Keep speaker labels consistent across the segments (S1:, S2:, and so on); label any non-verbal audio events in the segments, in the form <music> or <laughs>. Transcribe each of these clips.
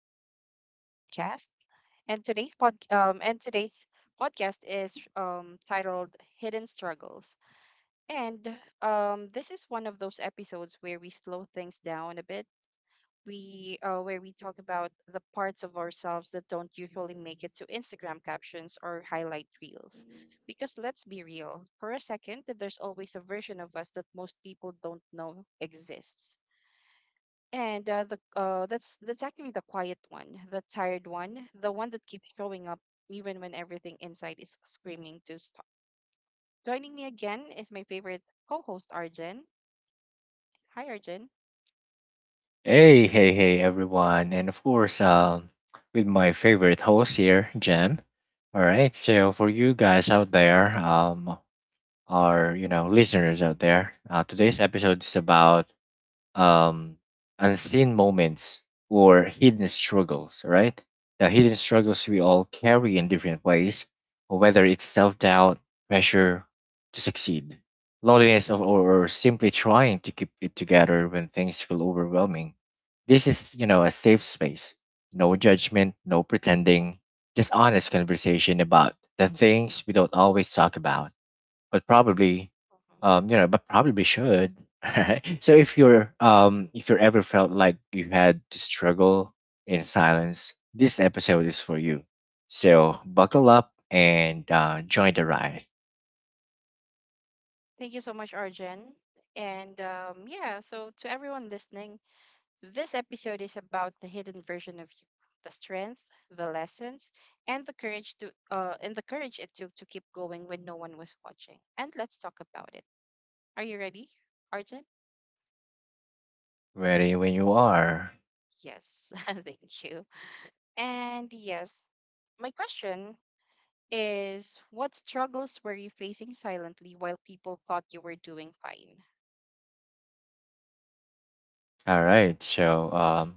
S1: welcome back to our podcast. And today's podcast is titled Hidden Struggles. And this is one of those episodes where we slow things down a bit. We where we talk about the parts of ourselves that don't usually make it to Instagram captions or highlight reels. Because let's be real, for a second, there's always a version of us that most people don't know exists, and the that's actually the quiet one, the tired one, the one that keeps showing up even when everything inside is screaming to stop. Joining me again is my favorite co-host, Arjen. Hi, Arjen.
S2: Hey, hey, hey, everyone. And of course, with my favorite host here, Jem. All right. So, for you guys out there, our, you know, listeners out there, today's episode is about um, unseen moments or hidden struggles, right? The hidden struggles we all carry in different ways, whether it's self doubt, pressure to succeed, loneliness, or simply trying to keep it together when things feel overwhelming. This is, you know, a safe space. No judgment, no pretending, just honest conversation about the things we don't always talk about but probably
S1: Mhm.
S2: you know but probably should. <laughs> Right? So if you're if you're ever felt like you had to struggle in silence, this episode is for you. So buckle up and join the ride.
S1: Thank you so much, Arjen. And yeah, so to everyone listening, this episode is about the hidden version of you, the strength, the lessons, and the courage it took to keep going when no one was watching. And let's talk about it. Are you ready, Arjen?
S2: Ready when you are.
S1: Yes, <laughs> thank you. And yes, my question is, what struggles were you facing silently while people thought you were doing fine?
S2: All right. So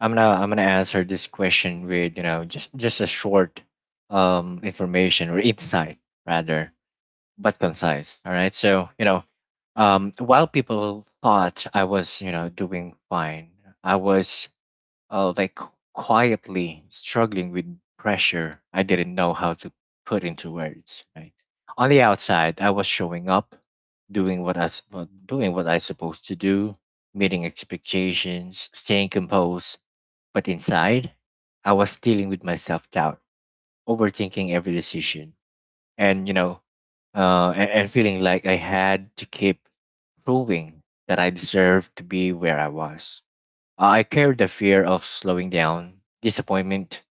S2: I'm gonna answer this question with, you know, just a short information or insight, rather, but concise. All right, so you know, while people thought I was, you know, doing fine, I was like quietly struggling with pressure I didn't know how to put into words. Right? On the outside, I was showing up, doing what I s- what- doing what I supposed to do, meeting expectations, staying composed. But inside, I was dealing with my self doubt, overthinking every decision and, you know, and feeling like I had to keep proving that I deserved to be where I was. I carried the fear of slowing down disappointment,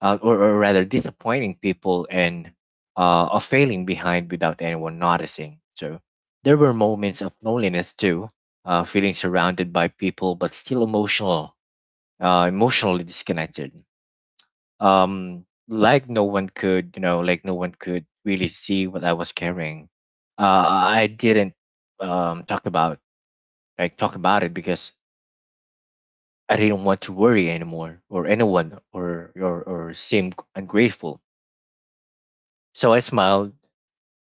S2: or rather disappointing people, and of failing behind without anyone noticing. So there were moments of loneliness too, feeling surrounded by people but still emotionally disconnected. Like no one could you know like no one could really see what I was carrying. I didn't um talk about talk about it because I didn't want to worry anymore or anyone, or seem ungrateful. So I smiled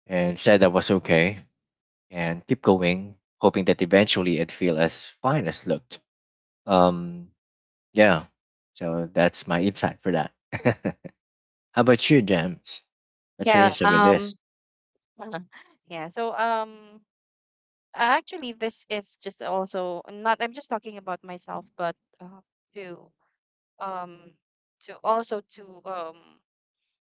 S2: and said I was okay and keep going, hoping that eventually it'd feel as fine as looked. um yeah, so that's my insight for that. <laughs> How about you, James? What's your
S1: Yeah,
S2: insight with this?
S1: um <laughs> yeah, so actually, this is just also not I'm just talking about myself, but uh, to um to also to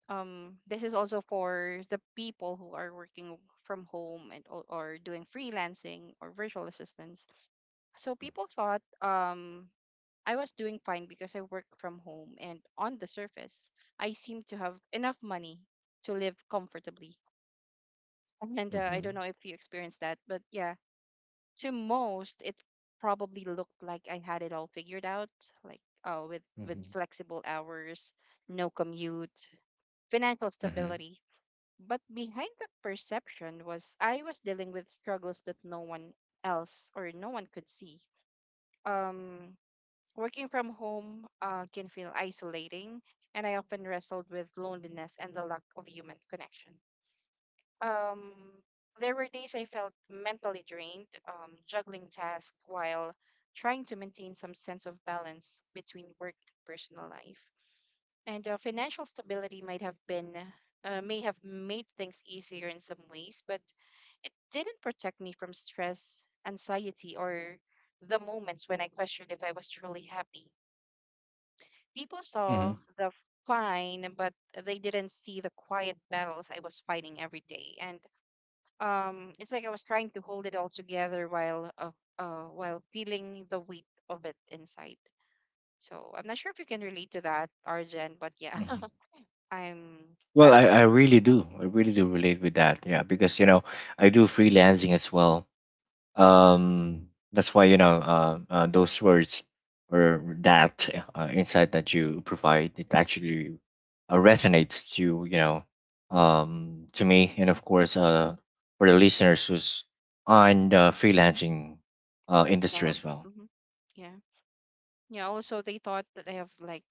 S1: this is also for the people who are working from home and, or doing freelancing or virtual assistants. So people thought I was doing fine because I work from home, and on the surface, I seem to have enough money to live comfortably. Mhm. And I
S2: Hmm.
S1: don't know if you experienced that, but yeah, to most, it probably looked like I had it all figured out, like, with
S2: Mm-hmm.
S1: flexible hours, no commute, financial
S2: Mm-hmm.
S1: stability. But behind the perception was I was dealing with struggles that no one else or no one could see. Um, Working from home can feel isolating, and I often wrestled with loneliness and the lack of human connection. Um, there were days I felt mentally drained, juggling tasks while trying to maintain some sense of balance between work and personal life. And financial stability may have made things easier in some ways, but it didn't protect me from stress, anxiety, or the moments when I questioned if I was truly happy. People
S2: Mm-hmm.
S1: saw the fine, but they didn't see the quiet battles I was fighting every day. And it's like I was trying to hold it all together while feeling the weight of it inside. So I'm not sure if you can relate to that, Arjen, but yeah,
S2: Hmm.
S1: <laughs> I'm
S2: Well,
S1: that
S2: I
S1: person.
S2: really do. I really do relate with that. Yeah, because you know, I do freelancing as well.
S1: Mm-hmm.
S2: That's why you know those words or that insight that you provide it actually resonates to, you know, to me, and of course, for the listeners who's on the freelancing industry
S1: Job.
S2: as well.
S1: Mm-hmm. Yeah. Yeah. Also, they thought that I have like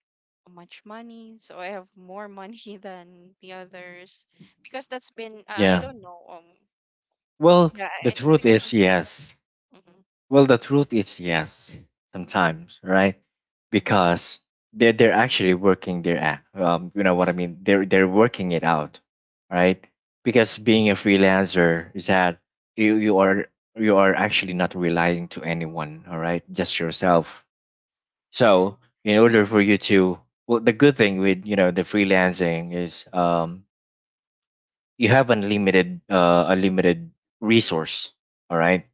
S1: much money, so I have more money <laughs> than the others, because that's been, I
S2: Yeah.
S1: don't know.
S2: Well,
S1: Yeah,
S2: the
S1: I think
S2: truth
S1: because of
S2: is
S1: social.
S2: yes.
S1: Mhm.
S2: Well, the truth is yes, sometimes, right?
S1: Mhm.
S2: Because they're actually working you know what I mean. They're working it out, right? Because being a freelancer is that you you are you are actually not relying to anyone, all right? Just yourself.
S1: Yes,
S2: So in order for you to, well, the good thing with, you know, the freelancing is you have unlimited unlimited resource, all right?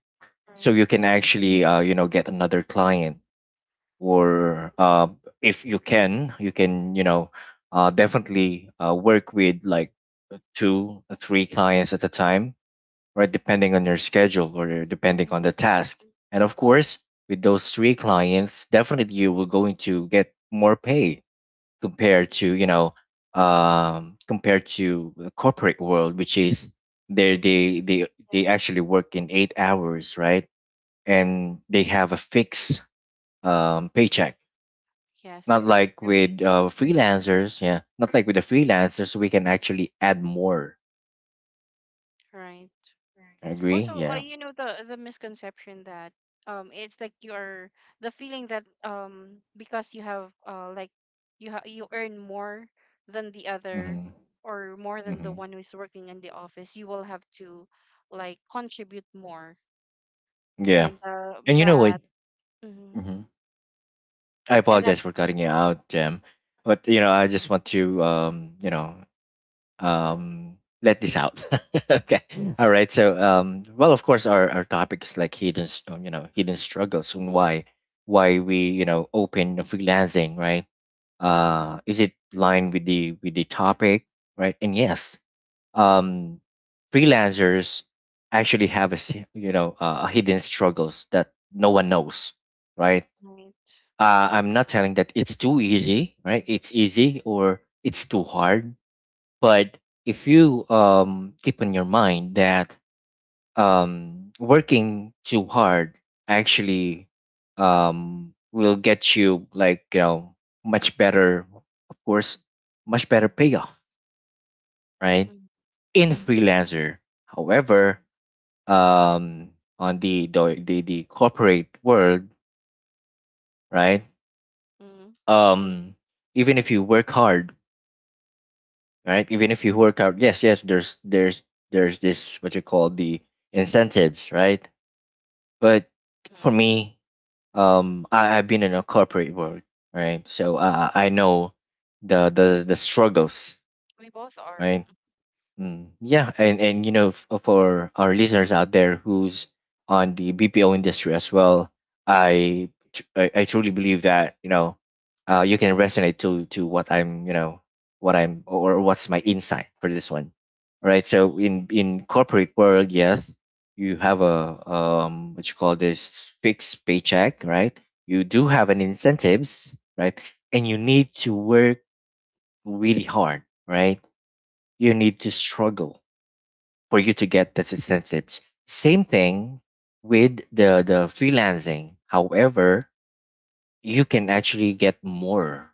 S2: So
S1: right.
S2: you can actually, you know, get another client, or if you can you know, definitely work with like two or three clients at a time, right, depending on your schedule or depending on
S1: Hmm.
S2: the task. And of course, with those three clients, definitely you will going to get more pay compared to, you know, compared to the corporate world, which is they they they
S1: Yeah.
S2: they actually work in 8 hours, right, and they have a fixed paycheck. Not
S1: Yes,
S2: like with
S1: agree.
S2: freelancers, yeah. Not like with the freelancers, we can actually add more.
S1: Right.
S2: Agree?
S1: Also,
S2: Yeah.
S1: you know, the misconception that it's like, you're the feeling that because you have like you ha you earn more than the other,
S2: Mm-hmm.
S1: or more than the
S2: Mm-hmm.
S1: one who's working in the office, you will have to like contribute more,
S2: Yeah.
S1: and,
S2: And you know what?
S1: that. Mhm.
S2: Hmm. I
S1: And that.
S2: apologize for cutting you out, Jim. But you know,
S1: Yeah.
S2: I just want to you know, let this out. <laughs> Okay, all
S1: Mhm.
S2: right. So, well, of course, our topic is like you know, hidden struggles, and why
S1: Mhm.
S2: we, you know, open freelancing, right?
S1: Mhm.
S2: Is it line with the topic, right? And yes, um, freelancers actually have you know, a hidden struggles that no one knows, right?
S1: Right.
S2: I'm not telling that it's too easy, right? It's easy or it's too hard, but if you keep in your mind that working too hard actually will get you, like, you know, much better, of course, much better payoff, right? In freelancer, however, um, on the corporate world, right?
S1: Mm-hmm.
S2: Um, even if you work hard, right? Even if you work out, yes, yes, there's this what you call the incentives, right? But for
S1: Mhm.
S2: me, I've been in a corporate world, right? So I know the struggles,
S1: We both are.
S2: right? Mm, yeah, and you know, for our listeners out there who's on the BPO industry as well, I truly believe that, you know, you can resonate to what I'm, you know, what I'm or what's my insight for this one, right? So in corporate world, yes, you have a what you call this fixed paycheck, right? You do have an incentives, right? And you need to work really hard, right? You need to struggle for you to get those incentives. Same thing with the freelancing. However, you can actually get more.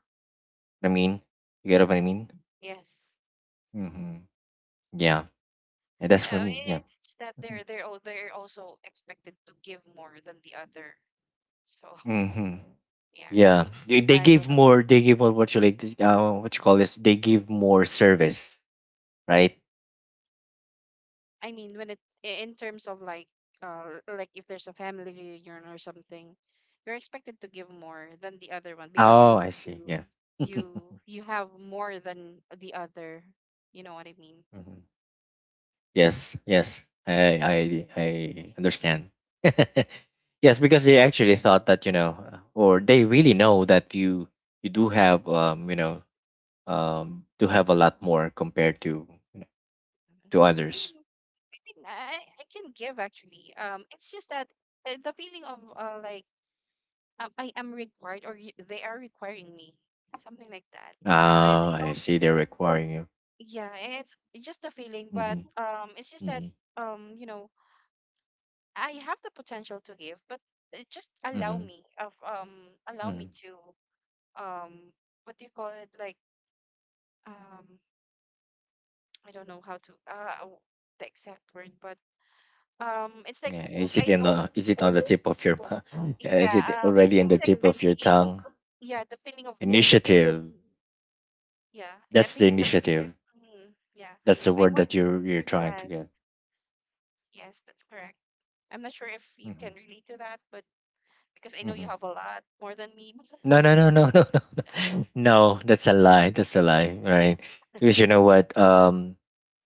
S2: I mean, you get what I mean?
S1: Yes.
S2: Hmm. Yeah, and that's
S1: Yeah,
S2: for
S1: I
S2: me.
S1: mean,
S2: Yeah.
S1: it's just that they're also expected to give more than the other. So,
S2: Mm-hmm.
S1: <laughs> yeah, right.
S2: Yeah, they
S1: I
S2: give
S1: don't know.
S2: more. They give more. What you like? What you call this? They give more service, right?
S1: I mean, when, in terms of, like, if there's a family reunion or something, you're expected to give more than the other one, because
S2: Oh, I
S1: you
S2: see.
S1: you
S2: Yeah. <laughs>
S1: you you have more than the other. You know what I mean?
S2: Mhm.
S1: Mhm.
S2: Yes, yes. I understand. <laughs> Yes, because they actually thought that, you know, or they really know that you do have you know, do have a lot more compared to, you know, to
S1: I
S2: others.
S1: mean, mean, I can give, actually. It's just that, the feeling of, like, I am required, or they are requiring me, something like that.
S2: Ah,
S1: They
S2: I
S1: don't.
S2: see, they're requiring you.
S1: Yeah, it's just a feeling, but
S2: Mhm.
S1: it's just that,
S2: Mhm.
S1: um, you know, I have the potential to give, but just,
S2: Mhm.
S1: allow me
S2: Mhm.
S1: to, um, what do you call it? Like, um, I don't know how to, the exact word, but it's like,
S2: Yeah, is it
S1: I
S2: in
S1: don't.
S2: the, is it on the tip of your mou- <laughs> is
S1: Yeah,
S2: it
S1: um,
S2: already in the
S1: it's like
S2: tip of your tongue?
S1: yeah, the feeling of being forced.
S2: Initiative.
S1: Yeah, I
S2: That's the
S1: be the,
S2: initiative.
S1: mm, Yeah.
S2: That's the
S1: I
S2: word that
S1: want,
S2: you're trying to get.
S1: yes, yes, that's correct. I'm not sure if you
S2: Mhm.
S1: can relate to that, but because I know you have a lot more than me, <laughs>
S2: No, no, no, <laughs> no, no, no. No, no, that's a lie. That's a lie, right? Because you know what?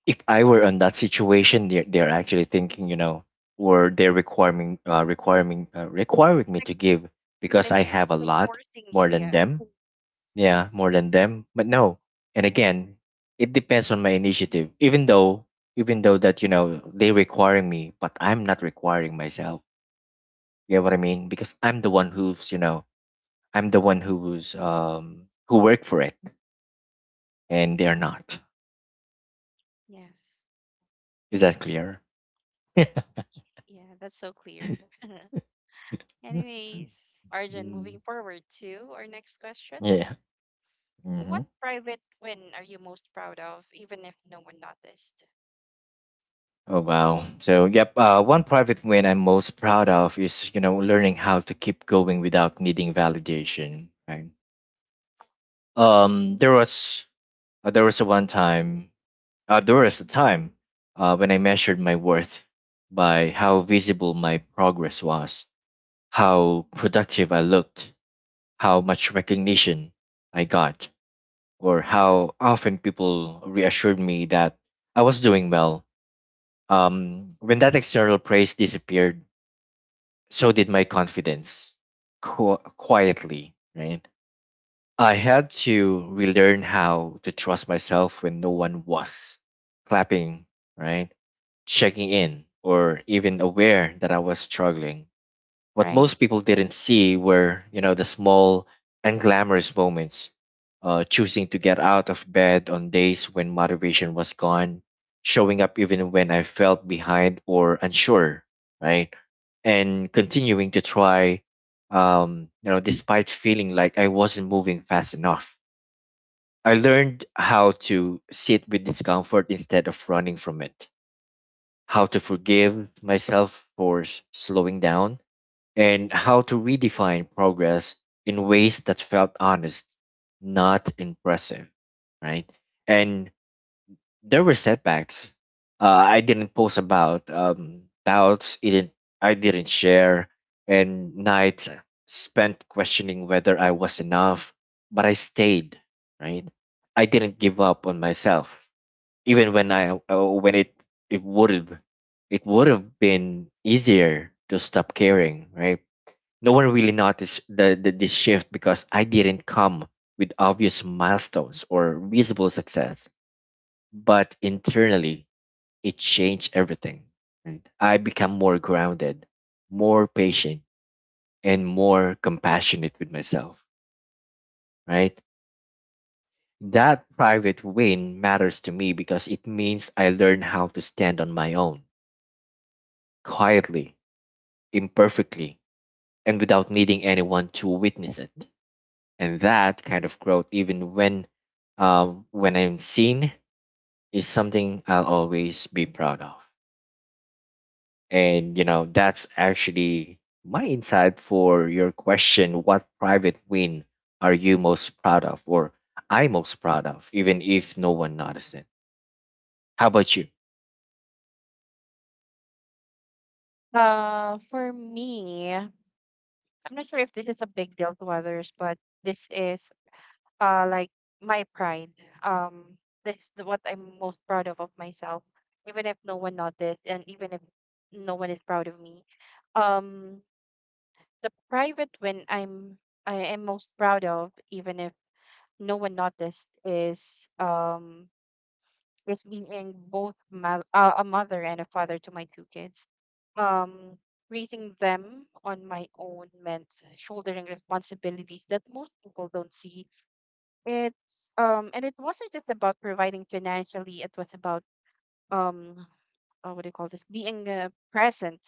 S2: If I were on that situation, they're actually thinking, you know, or they're requiring me
S1: like,
S2: to give because I
S1: it's like,
S2: have a
S1: it's like
S2: lot
S1: forcing
S2: more
S1: you.
S2: than
S1: Yeah.
S2: them. Yeah, more than them. But no, and again, it depends on my initiative. Even though that, you know, they requiring me, but I'm not requiring myself. You know what I
S1: Mm-hmm.
S2: mean? Because I'm the one who work for it and they're not.
S1: Yes.
S2: Is that clear? <laughs>
S1: Yeah, that's so clear. <laughs> Anyways, Arjun,
S2: Mm,
S1: moving forward to our next question.
S2: yeah. Hmm.
S1: What private win are you most proud of, even if no one noticed?
S2: Oh wow. So yep. One private win I'm most proud of is, you know, learning how to keep going without needing validation. Right. Um. There was there was a one time. There was a time when I measured my worth by how visible my progress was, how productive I looked, how much recognition I got, or how often people reassured me that I was doing well. When that external praise disappeared, so did my confidence, quietly, right? I had to relearn how to trust myself when no one was clapping, right? Checking
S1: Mm.
S2: in, or even aware that I was struggling. What
S1: Right.
S2: most people didn't see were, you know, the small and glamorous moments. Choosing to get out of bed on days when motivation was gone, showing up even when I felt behind or unsure, right? And continuing to try, you know, despite feeling like I wasn't moving fast enough. I learned how to sit with discomfort instead of running from it, how to forgive myself for slowing down, and how to redefine progress in ways that felt honest, not impressive, right? And there were setbacks. Uh, I didn't post about doubts. It didn't, I didn't share, and nights spent questioning whether I was enough. But I stayed, right? I didn't give up on myself, even when I when it it would have it would have been easier to stop caring, right? No one really noticed the this shift because I didn't come with obvious milestones or visible success. But internally, it changed everything. Right? I became more grounded, more patient, and more compassionate with myself. Right? That private win matters to me because it means I learned how to stand on my own, quietly, imperfectly, and without needing anyone to witness it. And that kind of growth, even when when I'm seen, is something I'll always be proud of. And you know, that's actually my insight for your question. What private win are you most proud of, or I most proud of, even if no one noticed it? How about you?
S1: For me, I'm not sure if this is a big deal to others, but this is, like, my pride. Um, this is what I'm most proud of myself, even if no one noticed and even if no one is proud of me. Um, the private when I am most proud of, even if no one noticed, is being both a mother and a father to my two kids. Um, raising them on my own meant shouldering responsibilities that most people don't see. It's and it wasn't just about providing financially. It was about, um, what do you call this? Being, present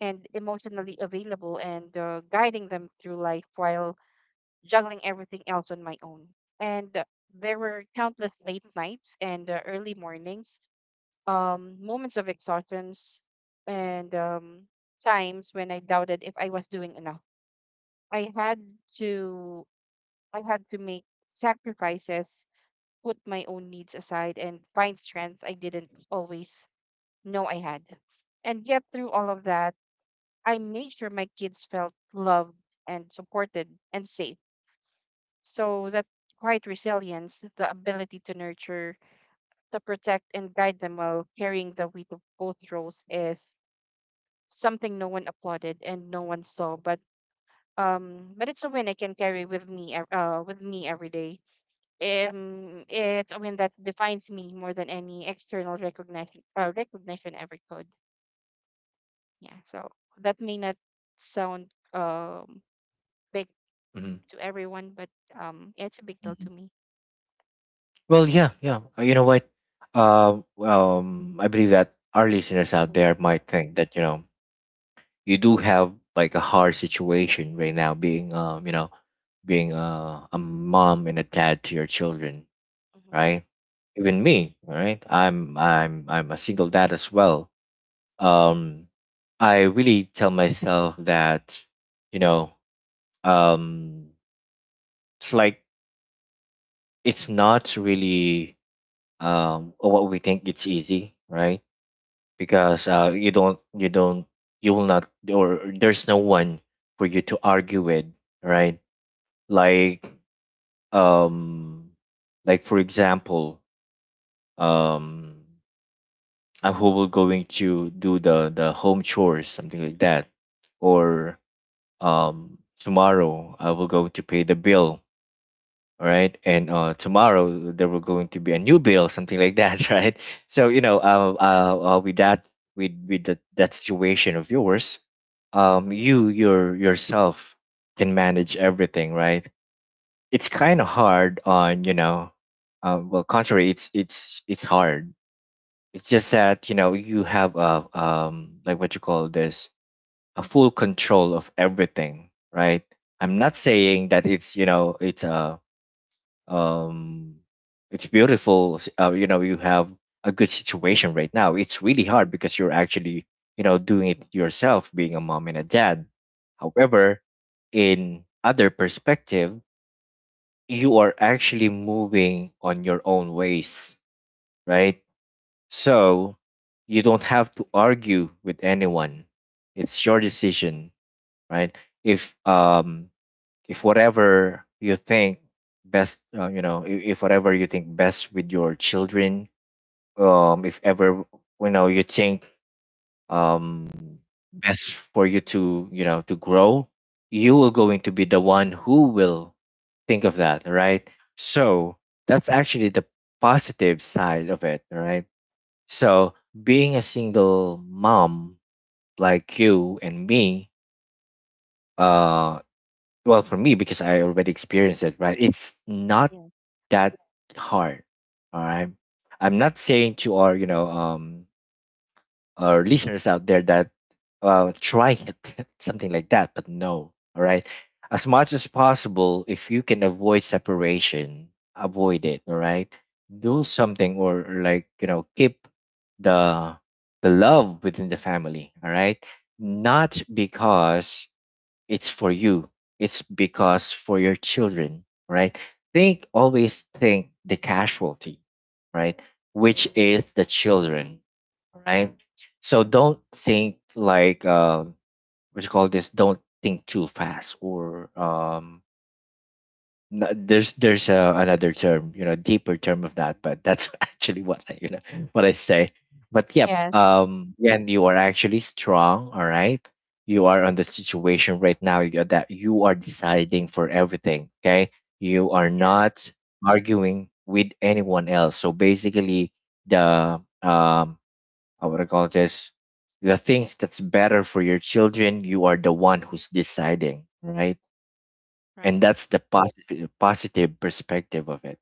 S1: and emotionally available, and guiding them through life while juggling everything else on my own. And there were countless late nights and, early mornings, moments of exhaustions, and times when I doubted if I was doing enough. I had to I had to make sacrifices, put my own needs aside, and find strength I didn't always know I had. And yet, through all of that, I made sure my kids felt loved and supported and safe. So that quiet resilience, the ability to nurture, to protect, and guide them while carrying the weight of both roles, is something no one applauded and no one saw, but it's a win I can carry with me every day. It's a win that defines me more than any external recognition ever could. Yeah, so that may not sound big
S2: Hmm.
S1: to everyone, but it's a big deal to
S2: Hmm.
S1: me.
S2: Well, yeah, yeah. You know what, I believe that our listeners out
S1: Mm-hmm.
S2: there might think that, you know, you do have like a hard situation right now, being you know, being a mom and a dad to your children,
S1: Mm-hmm.
S2: right? Even me. All right, I'm a single dad as well. um I really tell myself that, you know, um it's like, it's not really, what we think. It's easy, right? Because you don't, you will not, or there's no one for you to argue with, right? Like, um like, for example, um who will going to do the home chores, something like that. Or, tomorrow I will go to pay the bill. All right, and tomorrow there will going to be a new bill, something like that, <laughs> right? So, you know, with that, with that situation of yours, you, your yourself can manage everything, right? It's kind of hard on, you know, well, contrary, it's hard. It's just that, you know, you have a, like, what you call this, a full control of everything, right? I'm not saying that it's, you know, it's a, um it's beautiful. You know, you have a good situation right now. It's really hard because you're actually, you know, doing it yourself, being a mom and a dad. However, in other perspective, you are actually moving on your own ways, right? So you don't have to argue with anyone. It's your decision, right? If um if whatever you think best, you know, if whatever you think best with your children, if ever you know you think, um, best for you to, you know, to grow, you are going to be the one who will think of that, right? So that's actually the positive side of it, right? So being a single mom, like you and me, uh well, for me, because I already experienced it, right, it's not
S1: Yeah.
S2: that hard. All right, I'm not saying to our, you know, or listeners out there that, try it, <laughs> something like that, but no. All right. As much as possible, if you can avoid separation, avoid it. All right. Do something, or like, you know, keep the the love within the family. All right. Not because it's for you, it's because for your children, right? think Always think the casualty, right, which is the children, right? So don't think like, what you call this, don't think too fast, or no, there's another term, you know, deeper term of that, but that's <laughs> actually what I, you know, what I say. But yep,
S1: Yes.
S2: and you are actually strong. All right, you are on the situation right now, that you are deciding for everything. Okay, you are
S1: Yeah.
S2: not arguing with anyone else. So basically, the, I would call this, the things that's better for your children. You are the one who's deciding, right? And
S1: Right.
S2: that's the positive perspective of it,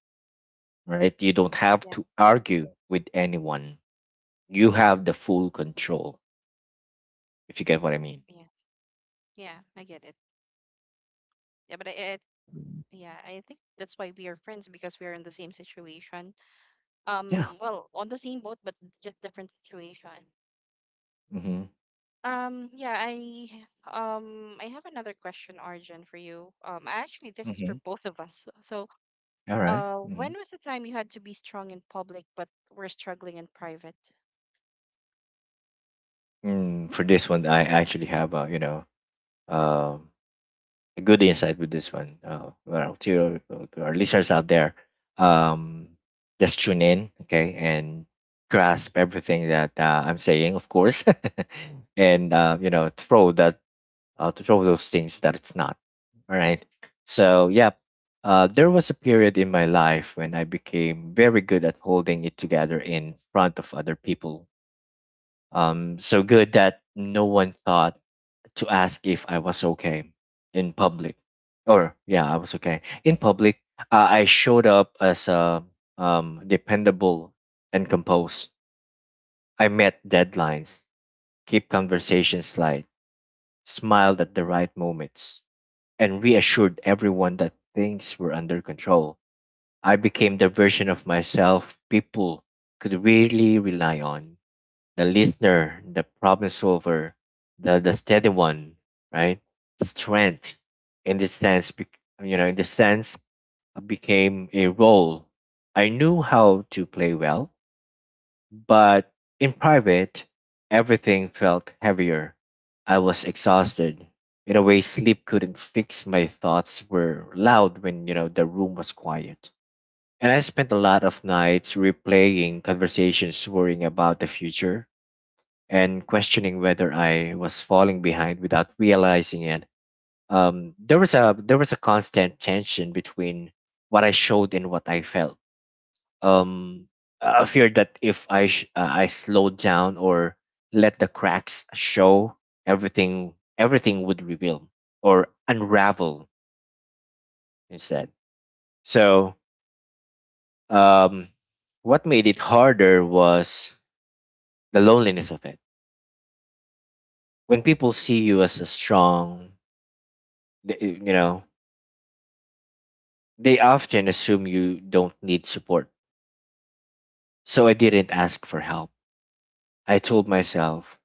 S2: right? You don't have to
S1: Yes.
S2: argue with anyone. You have the full control, if you get what I mean.
S1: Yeah. Yeah. I get it. Yeah. But I, yeah, I think that's why we are friends, because we are in the same situation.
S2: Yeah.
S1: Well, on the same boat, but just different situation.
S2: Mm-hmm.
S1: Yeah, I I have another question, Arjun, for you. Actually, this is for
S2: Mm-hmm.
S1: both of us, so,
S2: All right. Mm-hmm.
S1: when was the time you had to be strong in public but were struggling in private?
S2: Mm, for this one, I actually have a, you know, um a good insight with this one. Well, to, to our listeners out there, um just tune in, okay, and grasp everything that I'm saying, of course, <laughs> and you know, throw that, to show those things that it's not. All right. So, yeah, there was a period in my life when I became very good at holding it together in front of other people. So good that no one thought to ask if I was okay in public. Or, yeah, I was okay. In public, I showed up as a, dependable and composed. I met deadlines, keep conversations light, smiled at the right moments, and reassured everyone that things were under control. I became the version of myself people could really rely on, the listener, the problem solver, the steady one, right? Strength, in the sense, you know, in the sense, became a role I knew how to play well. But in private, everything felt heavier. I was exhausted. In a way, sleep couldn't fix. My thoughts were loud when, you know, the room was quiet. And I spent a lot of nights replaying conversations, worrying about the future, and questioning whether I was falling behind without realizing it. There was a constant tension between what I showed and what I felt, um a fear that if I slowed down or let the cracks show, everything would reveal or unravel instead. So, um what made it harder was the loneliness of it. When people see you as a strong, you know, they often assume you don't need support. So I didn't ask for help. I told myself,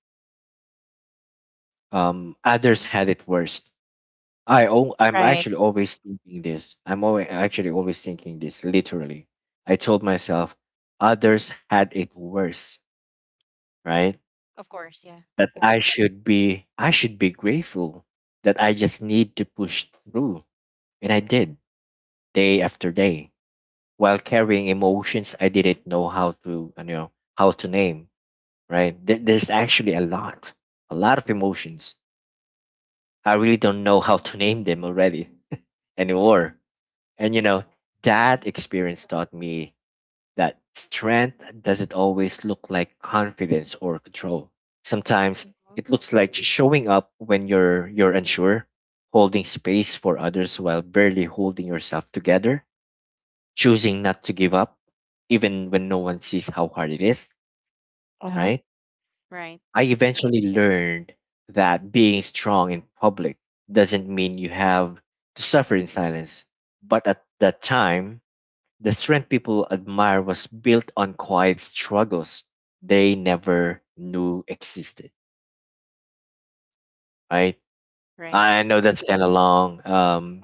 S1: Mhm.
S2: others had it worse. I'm
S1: Right.
S2: actually always thinking this. I'm always actually always thinking this. Literally, I told myself others had it worse, right?
S1: Of course. Yeah.
S2: That I should be grateful, that I just need to push through, and I did, day after day, while carrying emotions I didn't know how to, you know, how to name. Right? There's actually a lot of emotions. I really don't know how to name them already <laughs> anymore. And you know, that
S1: Mm-hmm.
S2: experience taught me that strength doesn't always look like confidence or control. Sometimes
S1: Hmm.
S2: it looks like showing up when you're unsure, holding space for others while barely holding yourself together, choosing not to give up even when no one sees how hard it is,
S1: Uh-huh.
S2: right?
S1: Right.
S2: I eventually learned that being strong in public doesn't mean you have to suffer in silence. But at that time, the strength people admire was built on quiet struggles they never knew existed. Right?
S1: Right.
S2: I know that's kind of long.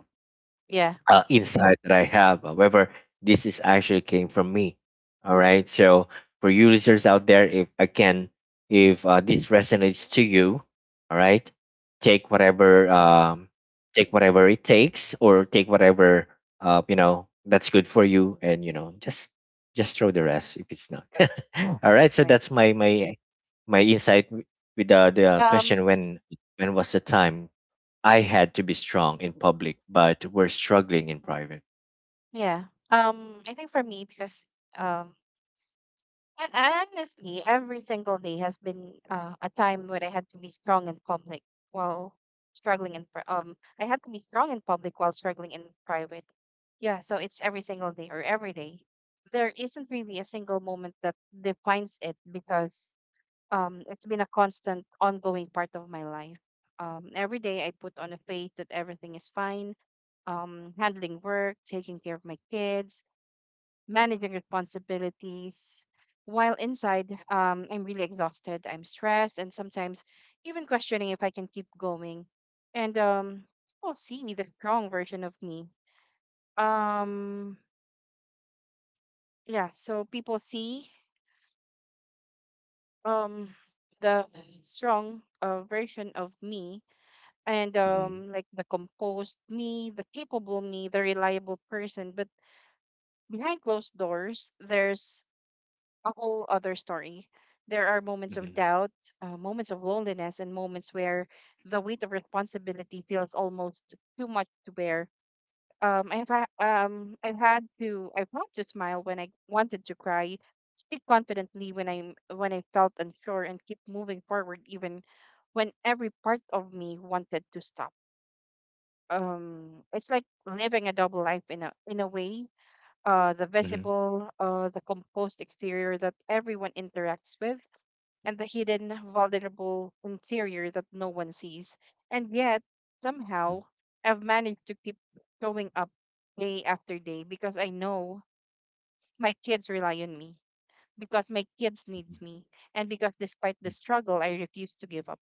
S1: Yeah.
S2: Insight that I have. However, this is actually came from me. All right. So for you listeners out there, if, again, if this resonates to you, all right, take whatever
S1: Hmm.
S2: um, take whatever it takes, or take whatever, you know, that's good for you, and you know, just throw the rest if it's not. <laughs> All right. So
S1: Right.
S2: that's my insight with the
S1: um
S2: question, when was the time I had to be strong in public, but we're struggling in private.
S1: yeah, I think, for me. Because um And honestly, every single day has been, a time when I had to be strong in public while struggling in pri- I had to be strong in public while struggling in private. Yeah, so it's every single day, or every day. There isn't really a single moment that defines it, because it's been a constant, ongoing part of my life. Every day I put on a face that everything is fine. Handling work, taking care of my kids, managing responsibilities. While inside, I'm really exhausted, I'm stressed, and sometimes even questioning if I can keep going. And people see the strong version of me. Um, yeah, so people see, um, the strong, version of me, and,
S2: Hmm.
S1: like, the composed me, the capable me, the reliable person. But behind closed doors, there's a whole other story. There are moments of
S2: Hmm.
S1: doubt, moments of loneliness, and moments where the weight of responsibility feels almost too much to bear. I've had to smile when I wanted to cry, speak confidently when I felt unsure, and keep moving forward even when every part of me wanted to stop. It's like living a double life in a way, the
S2: Hmm.
S1: visible, the composed exterior that everyone interacts with, and the hidden, vulnerable interior that no one sees. And yet, somehow, I've managed to keep showing up day after day, because I know my kids rely on me, because my kids needs me, and because despite the struggle, I refuse to give up.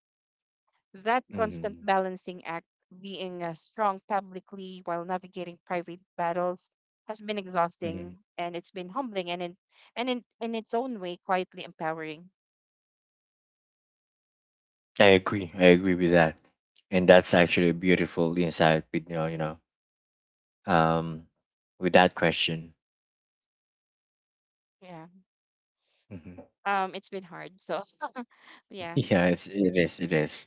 S1: That constant
S2: Hmm.
S1: balancing act, being, strong publicly while navigating private battles, has been
S2: Hmm.
S1: exhausting, and it's been humbling, and in its own way, quietly empowering.
S2: I agree. I agree with that, and that's actually a beautiful insight. With, you know, um, with that question.
S1: Yeah.
S2: Hmm.
S1: It's been hard. So, yeah.
S2: <laughs> Yeah, it's, it is. It is.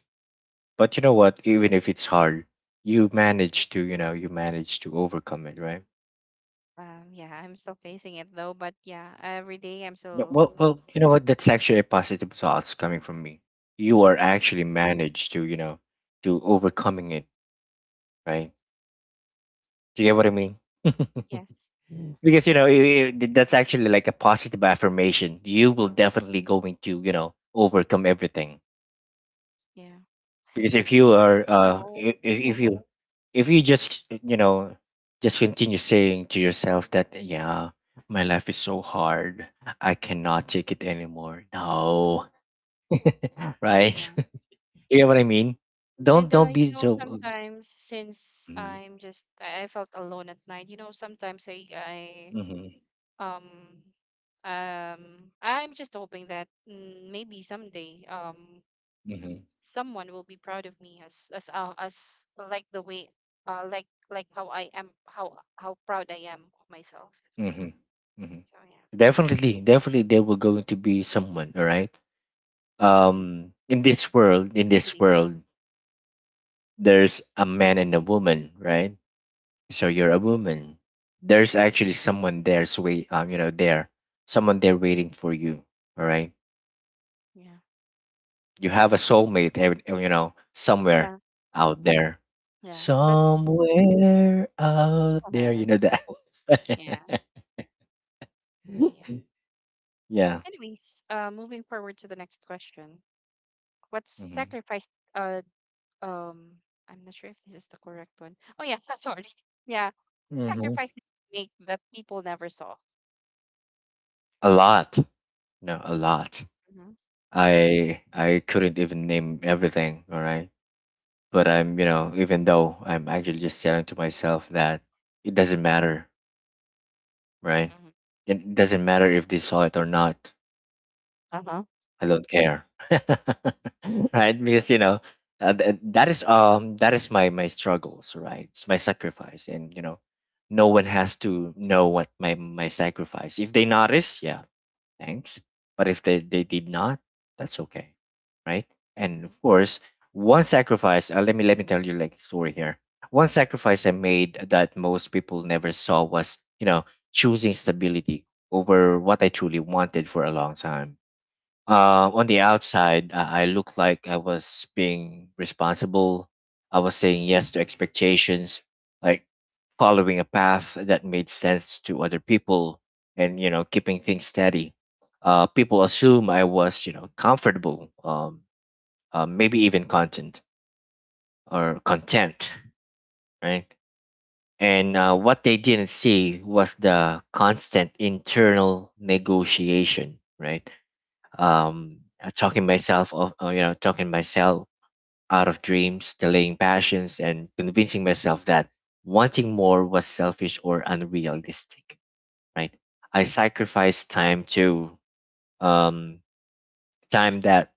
S2: But you know what? Even if it's hard, you manage to. You know, you manage to overcome it, right?
S1: Yeah, I'm still facing it though, but yeah, every day I'm
S2: Yeah,
S1: still.
S2: well, well, you know what? That's actually a positive thoughts coming from me. You are
S1: Mhm.
S2: actually managed to, you know, to overcoming it, right? Do you get what I mean? <laughs>
S1: Yes.
S2: Mm. Because you know, that's actually like a positive affirmation. You will definitely going to, you know, overcome everything.
S1: Yeah.
S2: Because if
S1: It's just
S2: you
S1: that,
S2: are,
S1: you know,
S2: if you just, you know, just continue saying to yourself that, yeah, my life is so hard, I cannot take it anymore. No. <laughs> Right?
S1: yeah.
S2: You know what I
S1: Right.
S2: mean? Don't
S1: And
S2: don't be so.
S1: sometimes since
S2: Mhm.
S1: I'm just I felt alone at night, sometimes
S2: Mhm.
S1: um um I'm just hoping that maybe someday
S2: Mhm.
S1: someone will be proud of me as like the way like how I am, how proud I am of myself,
S2: Mhm. Mhm.
S1: so yeah.
S2: Definitely, definitely, there will going to be someone. All right.
S1: Mm,
S2: In this world, in
S1: I
S2: this
S1: believe,
S2: world, there's a man and a woman, right? So you're a woman. There's actually someone, there's wait. You know, there, someone there waiting for you. All right.
S1: yeah.
S2: You have a soulmate, you know, somewhere
S1: Yeah,
S2: out there,
S1: yeah, but
S2: somewhere out there,
S1: uh,
S2: you know that.
S1: yeah. Yeah.
S2: <laughs> Yeah.
S1: Anyways, moving forward to the next question. What's
S2: Hmm.
S1: sacrificed um I'm not sure if this is the correct one. Oh yeah, <laughs> sorry. Yeah.
S2: Hmm.
S1: Sacrifice that you make that people never saw.
S2: A lot. No, a lot.
S1: Mm-hmm.
S2: I couldn't even name everything, all right? But I'm, you know, even though I'm actually just telling to myself that it doesn't matter, right?
S1: Mm-hmm.
S2: It doesn't matter if they saw it or not.
S1: Uh-huh.
S2: I don't care. <laughs> Right? Because you know, that is, that is my struggles, right? It's my sacrifice, and you know, no one has to know what my sacrifice. If they notice, yeah, thanks. But if they did not, that's okay. Right? And of course, one sacrifice, let me tell you, like, story here. One sacrifice I made that most people never saw was, you know, choosing stability over what I truly wanted for a long time. On the outside, I looked like I was being responsible. I was saying yes to expectations, like following a path that made sense to other people, and you know, keeping things steady. People assume I was, you know, comfortable, maybe even content or content, right? And What they didn't see was the constant internal negotiation, right? Talking myself out of dreams, delaying passions, and convincing myself that wanting more was selfish or unrealistic. Right? I sacrificed time to um, time that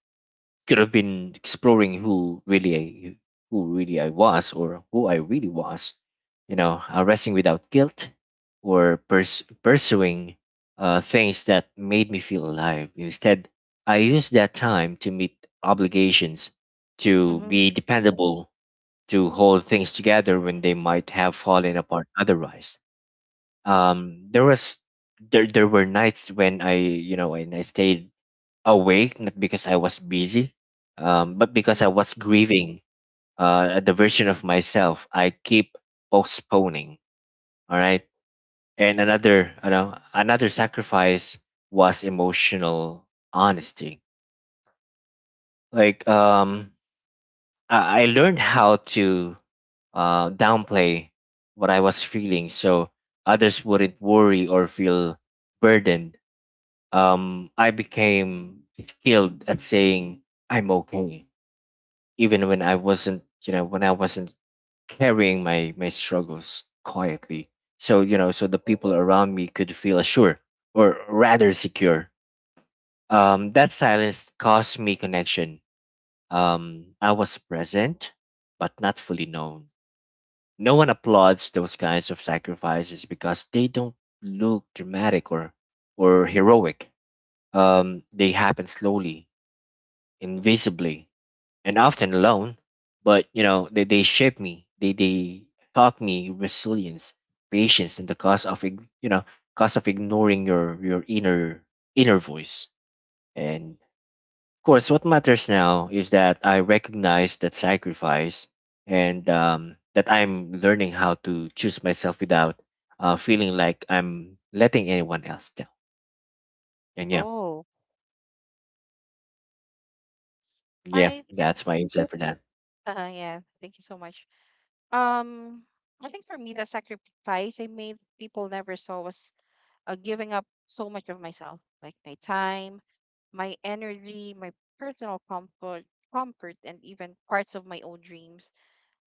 S2: could have been exploring who really I was or who I really was, you know, resting without guilt or pursuing things that made me feel alive. Instead, I used that time to meet obligations, to
S1: Mm-hmm.
S2: be dependable, to hold things together when they might have fallen apart otherwise. There was there there were nights when I stayed awake, not because I was busy, but because I
S1: Mm-hmm.
S2: was grieving the version of myself I keep postponing. All right, and another, you know, another sacrifice was emotional honesty. Like um, I learned how to downplay what I was feeling, so others wouldn't worry or feel burdened. I became skilled at saying I'm okay even when I wasn't, you know, when I wasn't carrying my struggles quietly. So the people around me could feel assured or rather secure. That silence caused me connection. I was present, but not fully known. No one applauds those kinds of sacrifices because they don't look dramatic or heroic. They happen slowly, invisibly, and often alone. But you know, they shaped me. They taught me resilience, patience, and the cost of cost of ignoring your inner inner voice. And of course, what matters now is that I recognize that sacrifice and that I'm learning how to choose myself without feeling like I'm letting anyone else down. And yeah,
S1: Oh.
S2: yeah,
S1: I think
S2: that's my insight for that.
S1: yeah, thank you so much. Um I think for me the sacrifice I made people never saw was giving up so much of myself, like my time, my energy, my personal comfort and even parts of my own dreams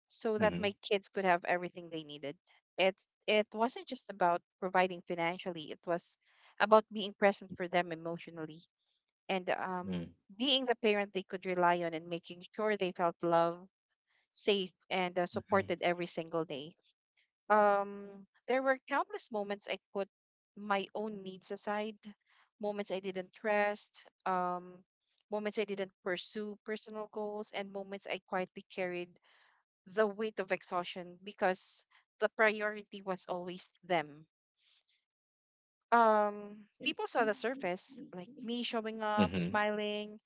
S1: so that
S2: Mm-hmm.
S1: my kids could have everything they needed. It it wasn't just about providing financially, it was about being present for them emotionally and
S2: Mm-hmm.
S1: being the parent they could rely on and making sure they felt loved, safe, and supported every single day. Um, there were countless moments I put my own needs aside, moments I didn't trust, moments I didn't pursue personal goals, and moments I quietly carried the weight of exhaustion because the priority was always them. People saw the
S2: Mm-hmm.
S1: surface, like me showing up,
S2: Mm-hmm.
S1: smiling,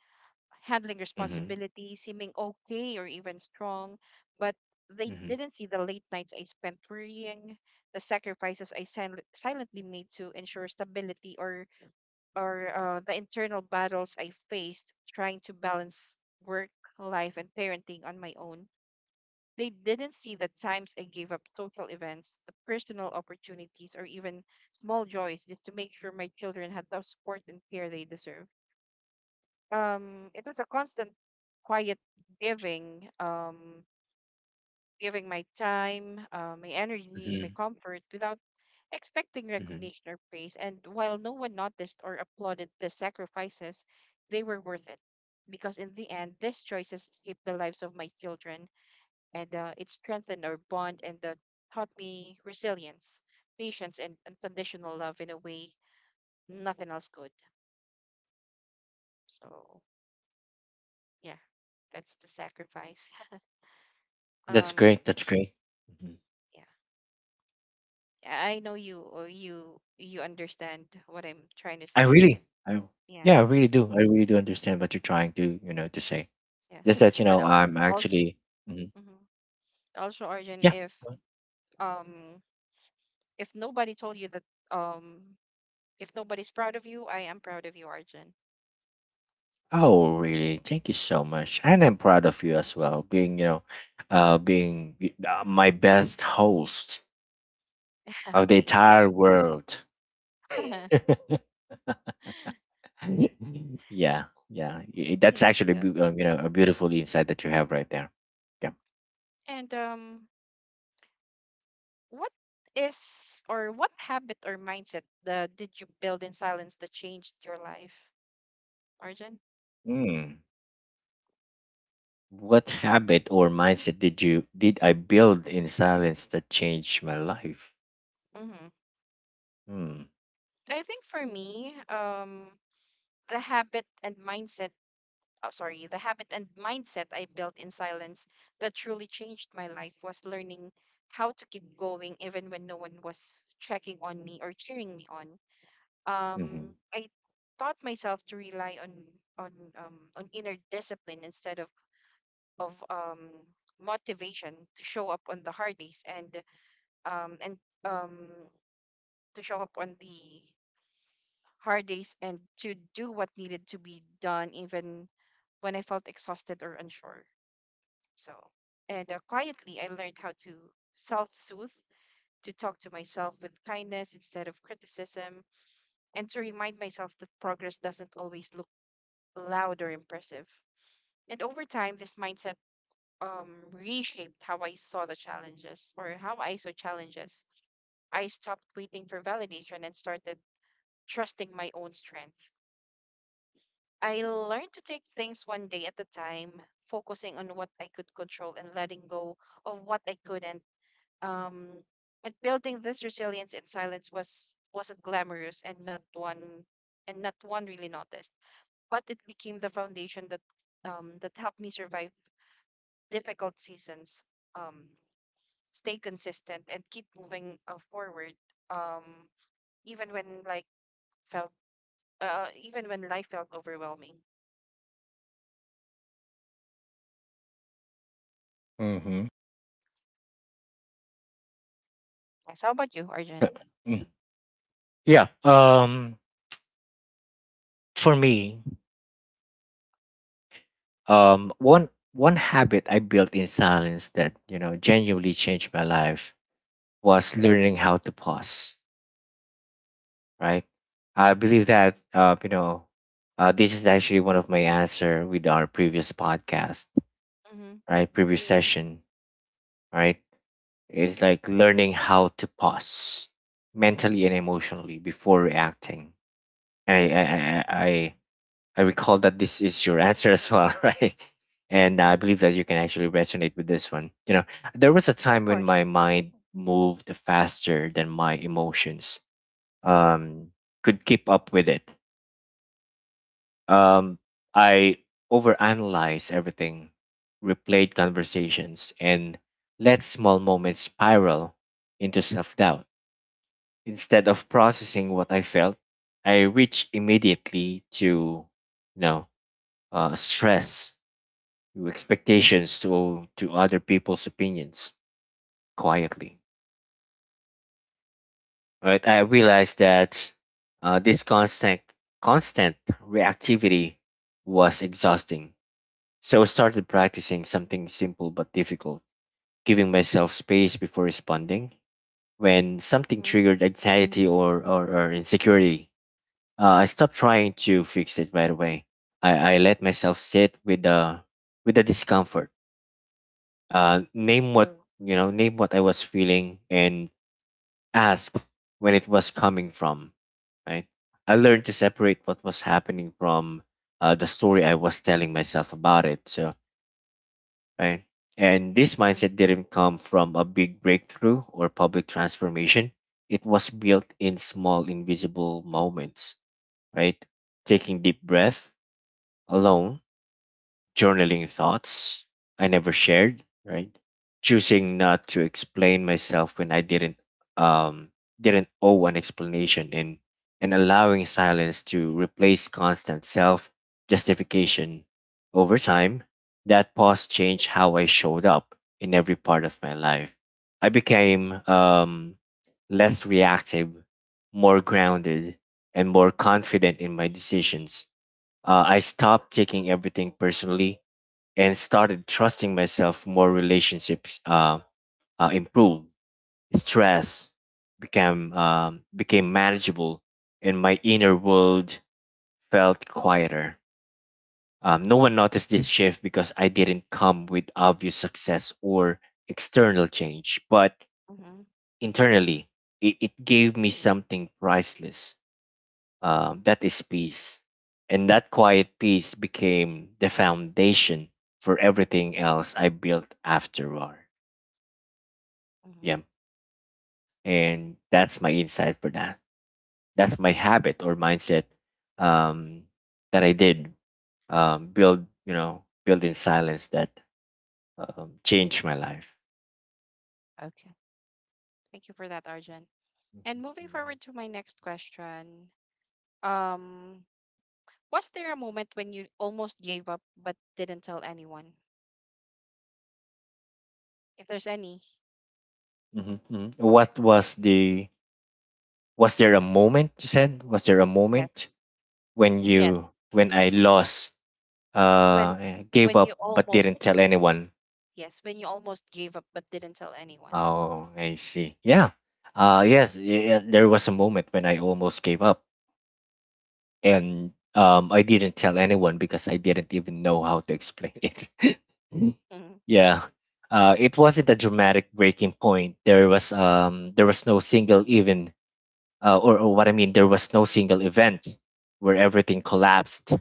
S1: handling
S2: Mhm.
S1: responsibility, seeming okay or even strong, but they
S2: Mhm.
S1: didn't see the late nights I spent worrying, the sacrifices silently made to ensure stability, or the internal battles I faced trying to balance work, life, and parenting on my own. They didn't see the times I gave up social events, the personal opportunities, or even small joys just to make sure my children had the support and care they deserve. It was a constant, quiet giving, giving my time, my energy, my
S2: Mhm.
S1: comfort without expecting
S2: Mhm.
S1: recognition or praise. And while no one noticed or applauded the sacrifices, they were worth it because in the end, these choices shaped the lives of my children and it strengthened our bond and taught me resilience, patience, and unconditional love in a way nothing else could. So yeah, that's the sacrifice.
S2: That's
S1: <laughs> um,
S2: great. That's great. Mhm.
S1: yeah, I know you, or you understand what I'm trying to
S2: I
S1: say. Is
S2: really,
S1: it?
S2: I
S1: Yeah,
S2: Yeah, I really do. I really do understand what you're trying to, you know, to say.
S1: yeah.
S2: Just that you
S1: But
S2: know, I'm
S1: also,
S2: actually, Mhm.
S1: also Arjun,
S2: yeah.
S1: um if nobody told you that, um if nobody's proud of you, I am proud of you, Arjun.
S2: Oh, really? Thank you so much, and I'm proud of you as well. Being, you know, my best host of the
S1: <laughs> Thank you.
S2: entire world.
S1: <laughs>
S2: <laughs> <laughs> yeah, yeah. That's
S1: Thank
S2: actually,
S1: you.
S2: you know, a beautiful insight that you have right there. Yeah.
S1: And what is, or what habit or mindset did you build in silence that changed your life, Arjun?
S2: Mm. What habit or mindset did I build in silence that changed my life?
S1: Mm-hmm.
S2: Hmm.
S1: I think for me, the habit and mindset, the habit and mindset I built in silence that truly changed my life was learning how to keep going even when no one was checking on me or cheering me on.
S2: Mm-hmm.
S1: I taught myself to rely on on inner discipline instead of motivation, to show up on the hard days and um, to show up on the hard days and to do what needed to be done even when I felt exhausted or unsure. So, and quietly, I learned how to self soothe, to talk to myself with kindness instead of criticism, and to remind myself that progress doesn't always look loud or impressive. And over time, this mindset reshaped how I saw the challenges, or how I saw challenges. I stopped waiting for validation and started trusting my own strength. I learned to take things one day at a time, focusing on what I could control and letting go of what I couldn't. Um, and building this resilience in silence was wasn't glamorous and not one really noticed, but it became the foundation that that helped me survive difficult seasons. Um, stay consistent and keep moving forward um even when like felt even when life felt overwhelming.
S2: Mm-hmm.
S1: Yes, how about you,
S2: Uh,
S1: Arjun?
S2: Mm. Yeah. For me, one habit I built in silence that you know genuinely changed my life was learning how to pause. Right. I believe that you know, this is actually one of my answer with our previous podcast,
S1: Mm-hmm.
S2: right? Previous session, right? It's like learning how to pause mentally and emotionally before reacting. And I recall that this is your answer as well, <laughs> right? And I
S1: Mm-hmm.
S2: believe that you can actually resonate with this one. You know, there was a
S1: Of
S2: time
S1: course.
S2: when my mind moved faster than my emotions um, could keep up with it. Um, I overanalyzed everything, replayed conversations, and let small moments spiral into self doubt. Instead of processing what I felt, I reached immediately to know stress, to expectations, to other people's opinions quietly. Right? I realized that this constant reactivity was exhausting. So I started practicing something simple but difficult, giving myself space before responding when something
S1: Mm-hmm.
S2: triggered anxiety or insecurity. I stopped trying to fix it right away. I let myself sit with the discomfort.
S1: Right.
S2: Name what Mm. Name what I was feeling, and ask when it was coming from. Right. I learned to separate what was happening from the story I was telling myself about it. So right. And this
S1: Mm-hmm.
S2: mindset didn't come from a big breakthrough or public transformation. It was built in small,
S1: Mm-hmm.
S2: invisible moments. Right. Taking deep breath alone, journaling thoughts I never shared, right? Choosing not to explain myself when I um didn't owe an explanation and allowing silence to replace constant self justification. Over time, that pause changed how I showed up in every part of my life. I
S1: Mm-hmm.
S2: became less reactive, more grounded, and more confident in my decisions. I stopped taking everything personally and started trusting myself more. Relationships improved, stress became manageable, and my inner world felt quieter. No one noticed this shift because I didn't come with obvious success or external change, but
S1: Mm-hmm.
S2: internally, it gave me something priceless, that is peace. And that quiet peace became the foundation for everything else I built afterward.
S1: Mm-hmm.
S2: Yeah. And that's my insight for that. That's my habit or mindset um, that I did build, you know, build in silence that changed my life.
S1: Okay. Thank you for that, Arjun. And moving forward to my next question. Um, was there a moment when you almost gave up but didn't tell anyone? If there's any.
S2: Mm-hmm. What was the, was there a moment you said? Was there a
S1: Yes.
S2: moment when
S1: Yes.
S2: you, when I lost
S1: When
S2: gave
S1: when you
S2: up but
S1: almost.
S2: didn't tell anyone?
S1: Yes, when you almost gave up but didn't tell anyone.
S2: Oh, I see. Yeah, there was a moment when I almost gave up and I didn't tell anyone because I didn't even know how to explain it. <laughs>
S1: Mm-hmm.
S2: Yeah. It wasn't a dramatic breaking point. There was no single even or what I mean there was no single event where everything collapsed.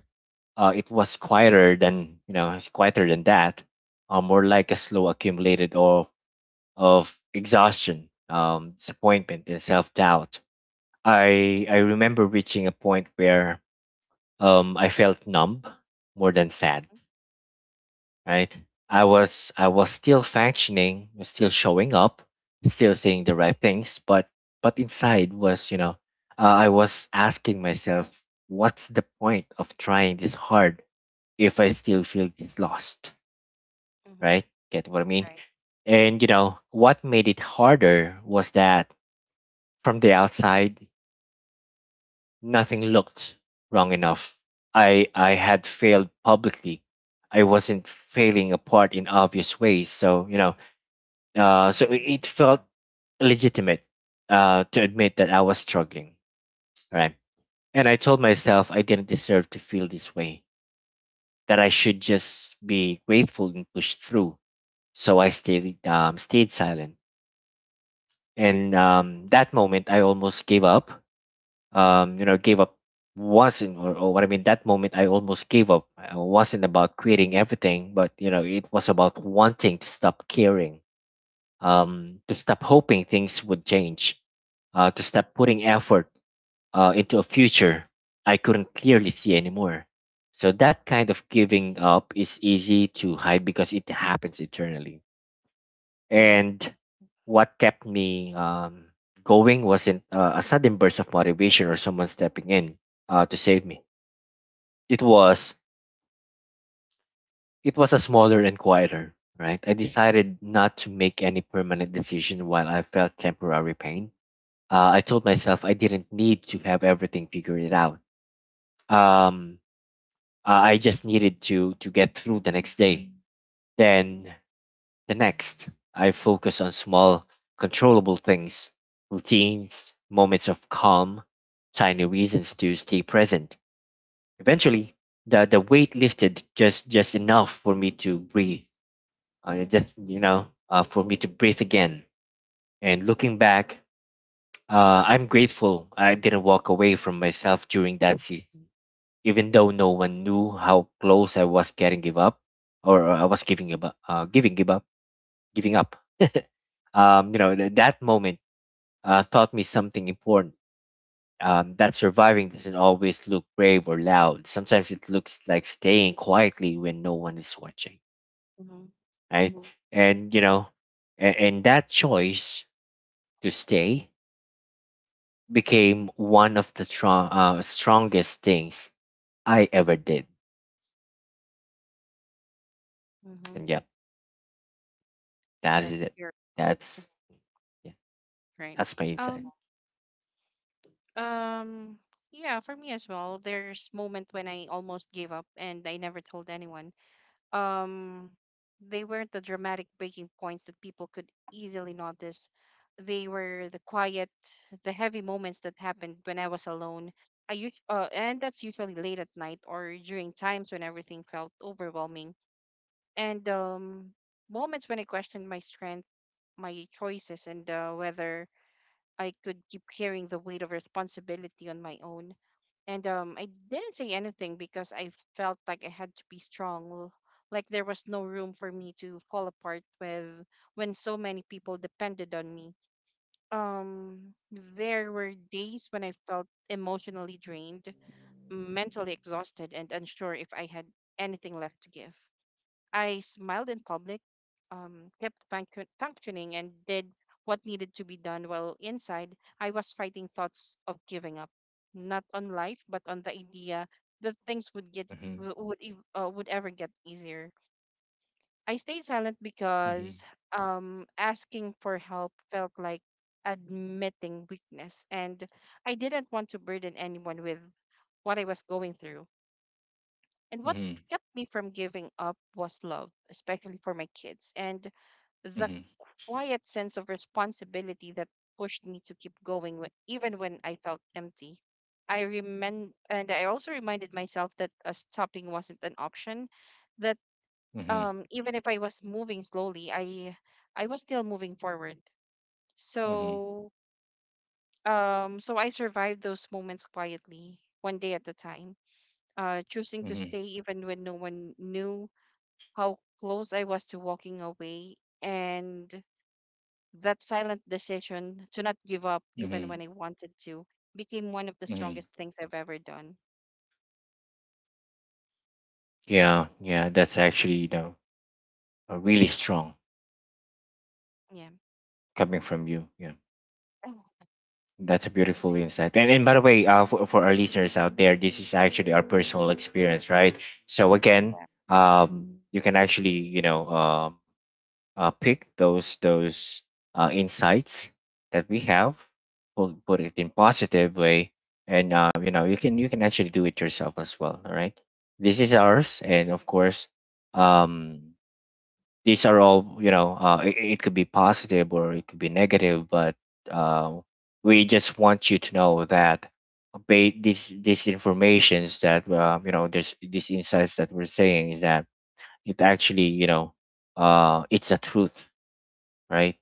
S2: It was quieter than you know, it's quieter than that. More like a slow accumulated of exhaustion, disappointment, and self doubt. I remember reaching a point where I felt numb more than sad. Right, I was still functioning, was still showing up, still saying the right things, but inside was you know I was asking myself, what's the point of trying this hard if I still feel this lost,
S1: Mm-hmm.
S2: right? Get what I mean?
S1: Right.
S2: And you know, what made it harder was that from the outside, nothing looked wrong enough. I had failed publicly. I wasn't failing apart in obvious ways. So, you know, it it felt legitimate to admit that I was struggling, right? And I told myself I didn't deserve to feel this way, that I should just be grateful and push through. So I stayed silent. And
S1: Mm-hmm.
S2: that moment, I almost gave up. You know, gave up wasn't or what I mean. That moment, I almost gave up. It wasn't about quitting everything, but you know, it was about wanting to stop caring, to stop hoping things would change, to stop putting effort into a future I couldn't clearly see anymore. So that kind of giving up is easy to hide because it happens eternally.
S1: Mm-hmm.
S2: And what kept me going wasn't a sudden burst of motivation or someone stepping in to save me. It was a smaller and quieter. Right, I decided not to make any permanent decision while I felt temporary pain. I told myself I didn't need to have everything figured out. Um, I just needed to get through the next day. Then the next, I focus on small, controllable things, routines, moments of calm, tiny reasons to stay present. Eventually, the weight lifted just enough for me to breathe. For me to breathe again. And looking back, I'm grateful I didn't walk away from myself during that season, even though no one knew how close I was getting give up, or I was giving up, giving give up, giving up you know, that moment taught me something important, that surviving doesn't always look brave or loud. Sometimes it looks like staying quietly when no one is watching,
S1: Mm-hmm.
S2: right? Mhm. And, you know, and that choice to stay became one of strongest things I ever did.
S1: Mm-hmm.
S2: And yep, that is
S1: That's
S2: it.
S1: your,
S2: That's, yeah,
S1: right.
S2: that's my insight.
S1: Um. Um. Yeah, for me as well. There's moment when I almost gave up and I never told anyone. Um, they weren't the dramatic breaking points that people could easily notice. They were the quiet, the heavy moments that happened when I was alone. And that's usually late at night or during times when everything felt overwhelming and moments when I questioned my strength, my choices, and whether I could keep carrying the weight of responsibility on my own. And I didn't say anything because I felt like I had to be strong, like there was no room for me to fall apart with when so many people depended on me. Um, there were days when I felt emotionally drained, mentally exhausted, and unsure if I had anything left to give. I smiled in public, functioning, and did what needed to be done while inside I was fighting thoughts of giving up, not on life, but on the idea that things would get w- would ev- would ever get easier. I stayed silent
S2: Mhm,
S1: because asking for help felt like admitting weakness, and I didn't want to burden anyone with what I was going through. And what
S2: mhm,
S1: kept me from giving up was love, especially for my kids, and the
S2: mhm,
S1: quiet sense of responsibility that pushed me to keep going, even when I felt empty. I remem- and I also reminded myself that stopping wasn't an option, that
S2: mhm,
S1: even if I was moving slowly, I was still moving forward.
S2: mhm,
S1: So so I survived those moments quietly, one day at a time, choosing to
S2: mhm,
S1: stay even when no one knew how close I was to walking away, and that silent decision to not give up even
S2: mhm,
S1: when I wanted to became one of the
S2: mhm.
S1: strongest things I've ever done.
S2: Yeah, yeah, that's actually, you know, really strong
S1: Yeah.
S2: coming from you. Yeah,
S1: Oh,
S2: that's a beautiful
S1: I-
S2: insight. And by the way, for our listeners out there, this is actually our personal experience, right? So again,
S1: yeah.
S2: you can actually you know pick those insights that we have, put it in positive way, and you know you can actually do it yourself as well. All right, this is ours, and of course, um, these are all it could be positive or it could be negative but uh, we just want you to know that these informations that there's these insights that we're saying is that it actually it's a truth, right?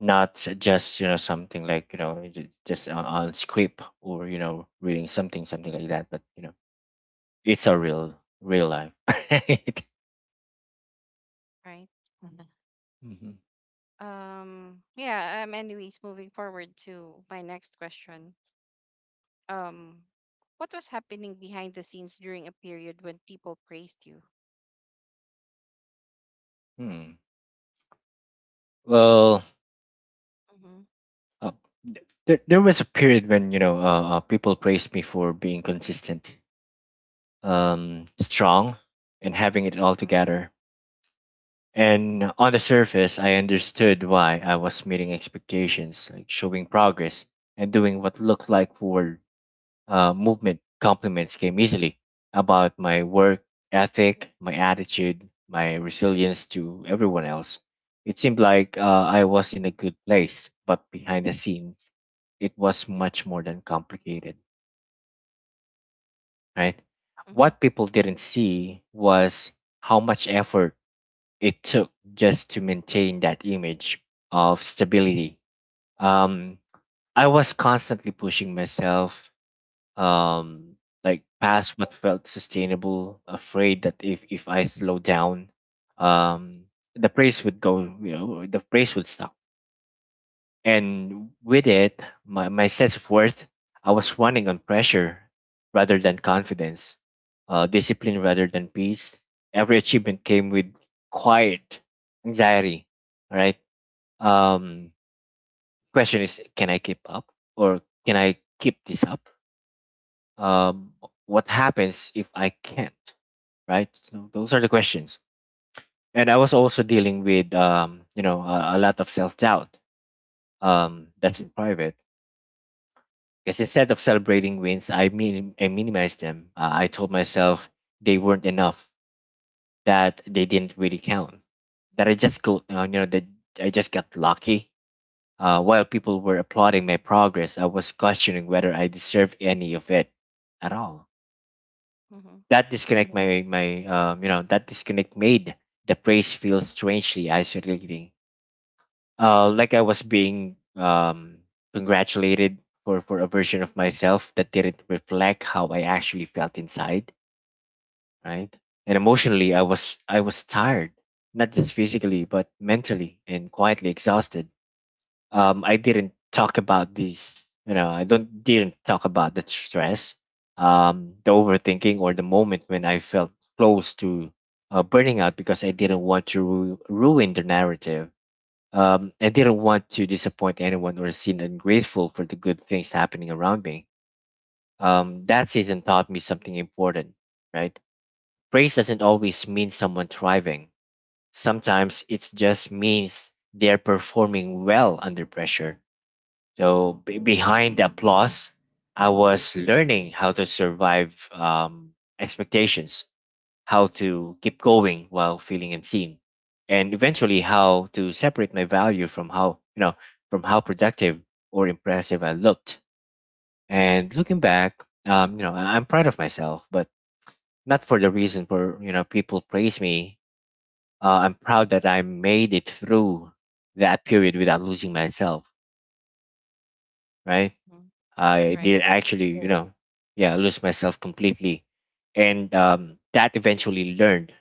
S2: Not just something like just on script or reading something like that but it's a real real life <laughs> right.
S1: Right. Mhm.
S2: Hmm.
S1: Yeah, anyways, moving forward to my next question. Um what was happening behind the scenes during a period when people praised you?
S2: Hmm. Well,
S1: Mm-hmm.
S2: Uh, th- there was a period when people praised me for being consistent, strong, and having it all
S1: Mm-hmm.
S2: together. And on the surface, I understood why I was meeting expectations, like showing progress and doing what looked like forward movement. Compliments came easily about my work ethic, my attitude, my resilience to everyone else. It seemed like I was in a good place, but behind the scenes, it was much more than complicated, right?
S1: Mm-hmm.
S2: What people didn't see was how much effort it took just to maintain that image of stability. Um, I was constantly pushing myself um like past what felt sustainable, afraid that if I slow down um the praise would go, the praise would stop, and with it my sense of worth. I was running on pressure rather than confidence, discipline rather than peace. Every achievement came with quiet anxiety, all right? um Question is, can I keep up, or can I keep this up? um, what happens if I can't? Right. So those are the questions. And I was also dealing with a lot of self doubt. That's in private. Because instead of celebrating wins, I mean I minimized them. I told myself they weren't enough, that they didn't really count, that I just go that I just got lucky. While people were applauding my progress, I was questioning whether I deserved any of it at all.
S1: Mm-hmm.
S2: That disconnect, my that disconnect made the praise feel strangely isolating, like I was being congratulated for a version of myself that didn't reflect how I actually felt inside, right? And emotionally I was tired, not just physically but mentally and quietly exhausted. Um, I didn't talk about these. You know, I don't didn't talk about the stress, the overthinking, or the moment when I felt close to burning out because I didn't want to ruin the narrative. I didn't want to disappoint anyone or seem ungrateful for the good things happening around me. That season taught me something important, right? Praise doesn't always mean someone thriving. Sometimes it just means they're performing well under pressure. So be behind the applause, I was learning how to survive um expectations, how to keep going while feeling unseen, and eventually how to separate my value from how from how productive or impressive I looked. And looking back, I'm proud of myself, but not for the reason for people praise me. I'm proud that I made it through that period without losing myself, right? I
S1: Right.
S2: did actually, yeah, lose myself completely. And that eventually learned,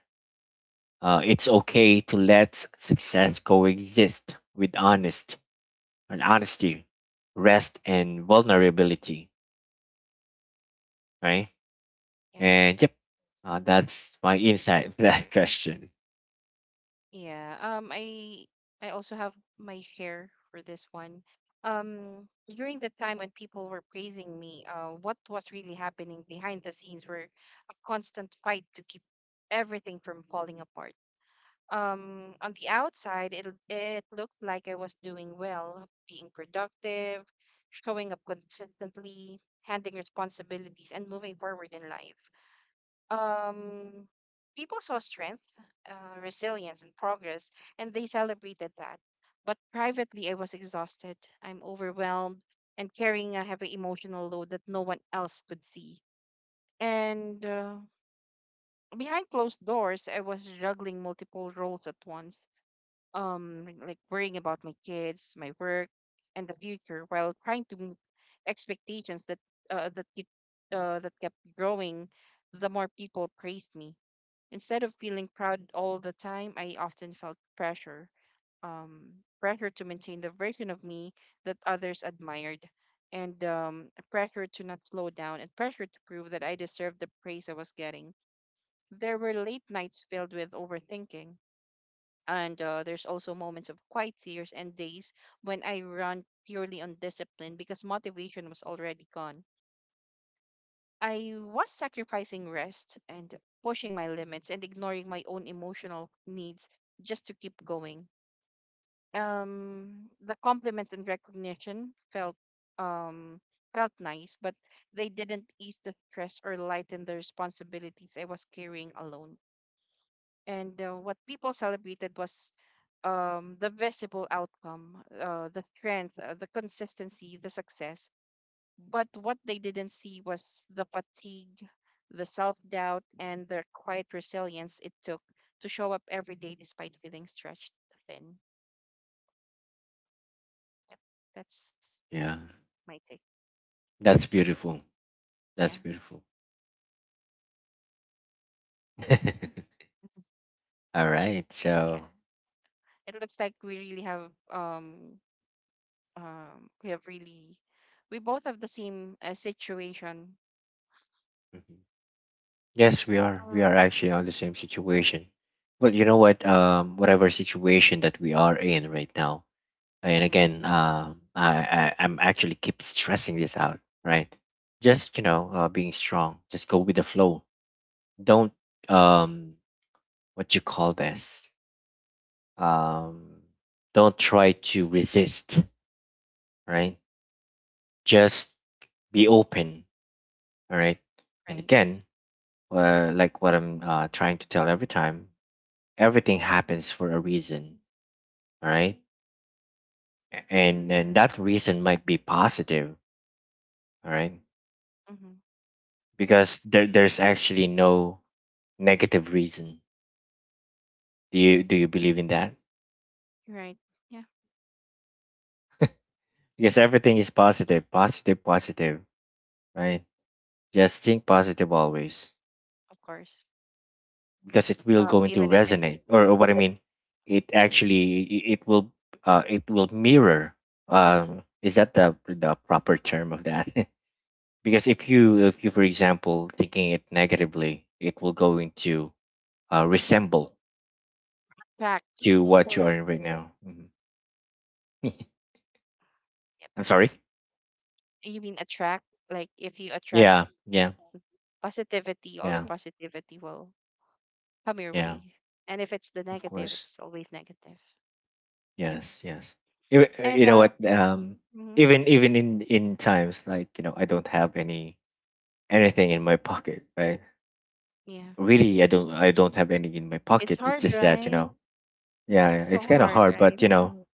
S2: it's okay to let success coexist with honest and honesty, rest and vulnerability, right?
S1: Yeah.
S2: And yep, that's my insight <laughs> for that question.
S1: Yeah. I also have my share for this one. During the time when people were praising me, what was really happening behind the scenes were a constant fight to keep everything from falling apart. On the outside it looked like I was doing well, being productive, showing up consistently, handling responsibilities and moving forward in life. um, people saw strength, resilience, and progress, and they celebrated that. But privately, I was exhausted. I'm overwhelmed and carrying a heavy emotional load that no one else could see. And behind closed doors, I was juggling multiple roles at once, like worrying about my kids, my work, and the future, while trying to meet expectations that uh, that keep, that kept growing. The more people praised me, instead of feeling proud all the time, I often felt pressure, um, pressure to maintain the version of me that others admired, and pressure to not slow down, and pressure to prove that I deserved the praise I was getting. There were late nights filled with overthinking, and there's also moments of quiet tears and days when I ran purely on discipline because motivation was already gone. I was sacrificing rest and pushing my limits and ignoring my own emotional needs just to keep going. The compliment and recognition um felt nice, but they didn't ease the stress or lighten the responsibilities I was carrying alone. And what people celebrated was the visible outcome, the strength, the consistency, the success, but what they didn't see was the fatigue, the self doubt, and the quiet resilience it took to show up every day despite feeling stretched thin. Yep, that's
S2: Yeah,
S1: my take.
S2: that's beautiful.
S1: Yeah.
S2: That's beautiful.
S1: Yeah.
S2: <laughs>
S1: Mhm.
S2: All right,
S1: Yeah.
S2: so.
S1: It looks like we really have we have really, we both have the same situation.
S2: Mhm. Yes, we are. We are
S1: Um,
S2: actually on the same situation. But you know what? Whatever situation that we are in right now, and
S1: mhm,
S2: again, I I'm actually keep stressing this out, right? Just you know, being strong. Just go with the flow. Don't um, what you call this? Um, don't try to resist, right? Just be open, all right? And
S1: right.
S2: again, like what I'm trying to tell every time, everything happens for a reason, all right? And that reason might be positive, all right?
S1: Mhm.
S2: Because there's actually no negative reason. Do you believe in that?
S1: Right. Yeah,
S2: Because everything is positive, positive, positive, right? Just think positive always,
S1: of course.
S2: because it will going to
S1: Even if it's,
S2: resonate or what I mean, it actually it will mirror. Um, is that the proper term of that? <laughs> Because if you for example thinking it negatively, it will go into resemble
S1: attract, you
S2: to
S1: mean?
S2: what you are in right now. Mhm. <laughs>
S1: Yep.
S2: I'm sorry.
S1: You mean attract, like if you attract
S2: Yeah, yeah.
S1: positivity, all the
S2: Yeah,
S1: positivity will come your
S2: yeah.
S1: way. And if it's the
S2: Of
S1: negative,
S2: course.
S1: it's always negative. Yep.
S2: Yes, yes. You
S1: And
S2: you know what um,
S1: mhm,
S2: even in times like you know, I don't have any anything in my pocket, right?
S1: yeah,
S2: Really, I don't have any in my
S1: it's
S2: pocket. It's
S1: hard,
S2: just that you
S1: right?
S2: know,
S1: It's
S2: yeah,
S1: so
S2: it's kind of
S1: hard,
S2: hard, but
S1: right?
S2: you know,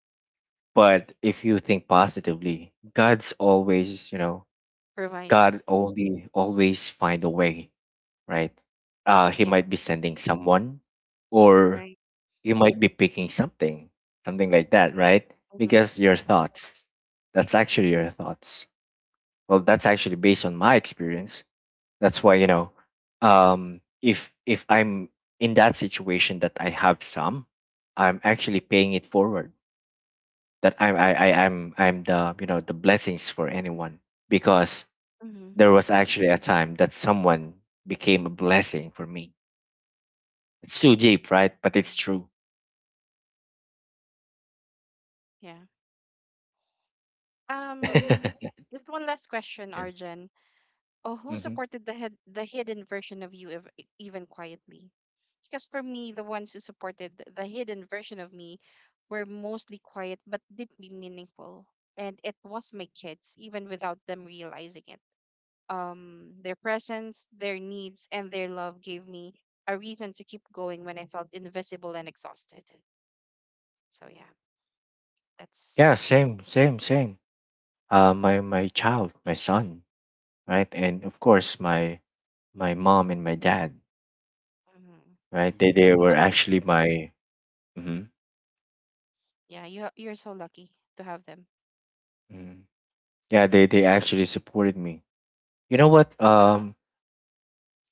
S2: but if you think positively, god's always, you know, God
S1: Right.
S2: only always find a way, right? He
S1: Yeah.
S2: might be sending someone, or
S1: Right.
S2: you might be picking something, something like that, right?
S1: Mm-hmm.
S2: Because your thoughts, that's actually your thoughts. Well, that's actually based on my experience. That's why you know, if I'm in that situation that I have some, I'm actually paying it forward. That I'm I'm the you know the blessings for anyone because
S1: Mm-hmm.
S2: there was actually a time that someone became a blessing for me. It's too deep, right? But it's true.
S1: Yeah. Um,
S2: <laughs> Yeah.
S1: just one last question, Arjun. Oh, who
S2: Hmm.
S1: supported the hidden version of you, even quietly? Because for me the ones who supported the hidden version of me were mostly quiet but deeply meaningful, and it was my kids, even without them realizing it. Their presence, their needs and their love gave me a reason to keep going when I felt invisible and exhausted. So yeah,
S2: Yeah,
S1: that's,
S2: same, same, same. My child, my son, right, and of course my mom and my dad,
S1: mhm.
S2: right.
S1: You
S2: They
S1: know what,
S2: were actually my. Mhm,
S1: yeah, you you're so lucky to have them,
S2: mhm. Yeah, they actually supported me. You know what?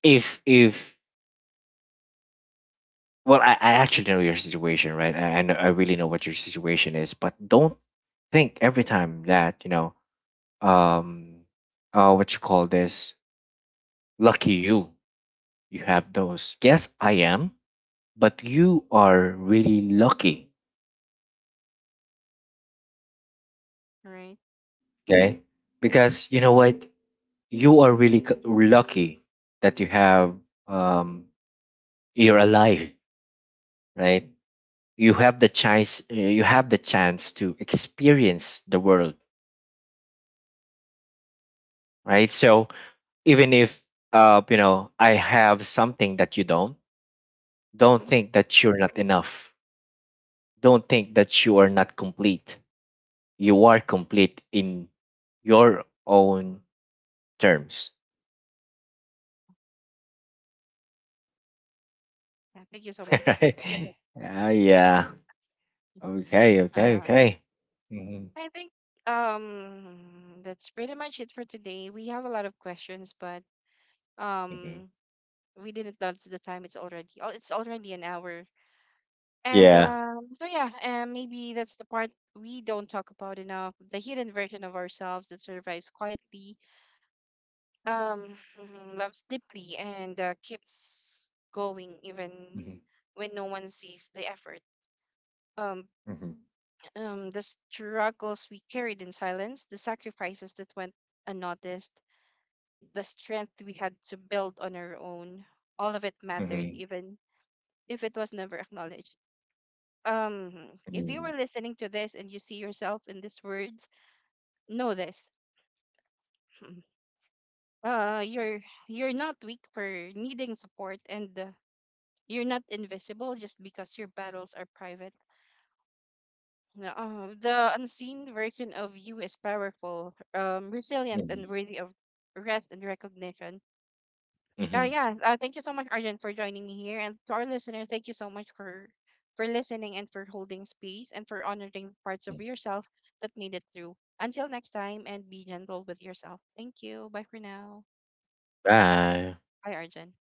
S2: If well, I actually know your situation, right? Know, I really know what your situation is, but don't think every time that you know um what you call this, lucky you, you have those, yes I am, but you are really lucky.
S1: right.
S2: Okay, because you know what, you are really lucky that you have um, you're alive, right? You have the chance you have the chance to experience the world, right? So even if you know, I have something that you don't
S1: Mm-hmm.
S2: think that you're not enough. Don't think that you are not complete. You are complete in your own terms.
S1: Yeah, thank you so
S2: <laughs>
S1: much.
S2: Right? Ah, yeah. Okay. Okay.
S1: <laughs>
S2: Okay. Hmm.
S1: I think that's pretty much it for today. We have a lot of questions, but
S2: Hmm.
S1: um we didn't notice the time. It's already, oh, it's already an hour. And
S2: Yeah.
S1: so yeah, and maybe that's the part we don't talk about enough. The hidden version of ourselves that survives quietly, um <laughs> mhm, loves deeply and keeps going even
S2: Hmm.
S1: when no one sees the effort. Um,
S2: Hmm.
S1: the struggles we carried in silence, the sacrifices that went unnoticed, the strength we had to build on our own, all of it mattered,
S2: Hmm.
S1: even if it was never acknowledged. Um, if you were listening to this and you see yourself in these words, know this: <laughs> uh, you're you're not weak for needing support, and you're not invisible just because your battles are private. No. The unseen version of you is powerful, resilient, and worthy of rest and recognition.
S2: Hmm. Hmm.
S1: Yeah, thank you so much, Arjun, for joining me here. And to our listener, thank you so much for listening and for holding space and for honoring parts of yourself that made it through. Until next time, and be gentle with yourself. Thank you. Bye for now.
S2: Bye.
S1: Bye, Arjun.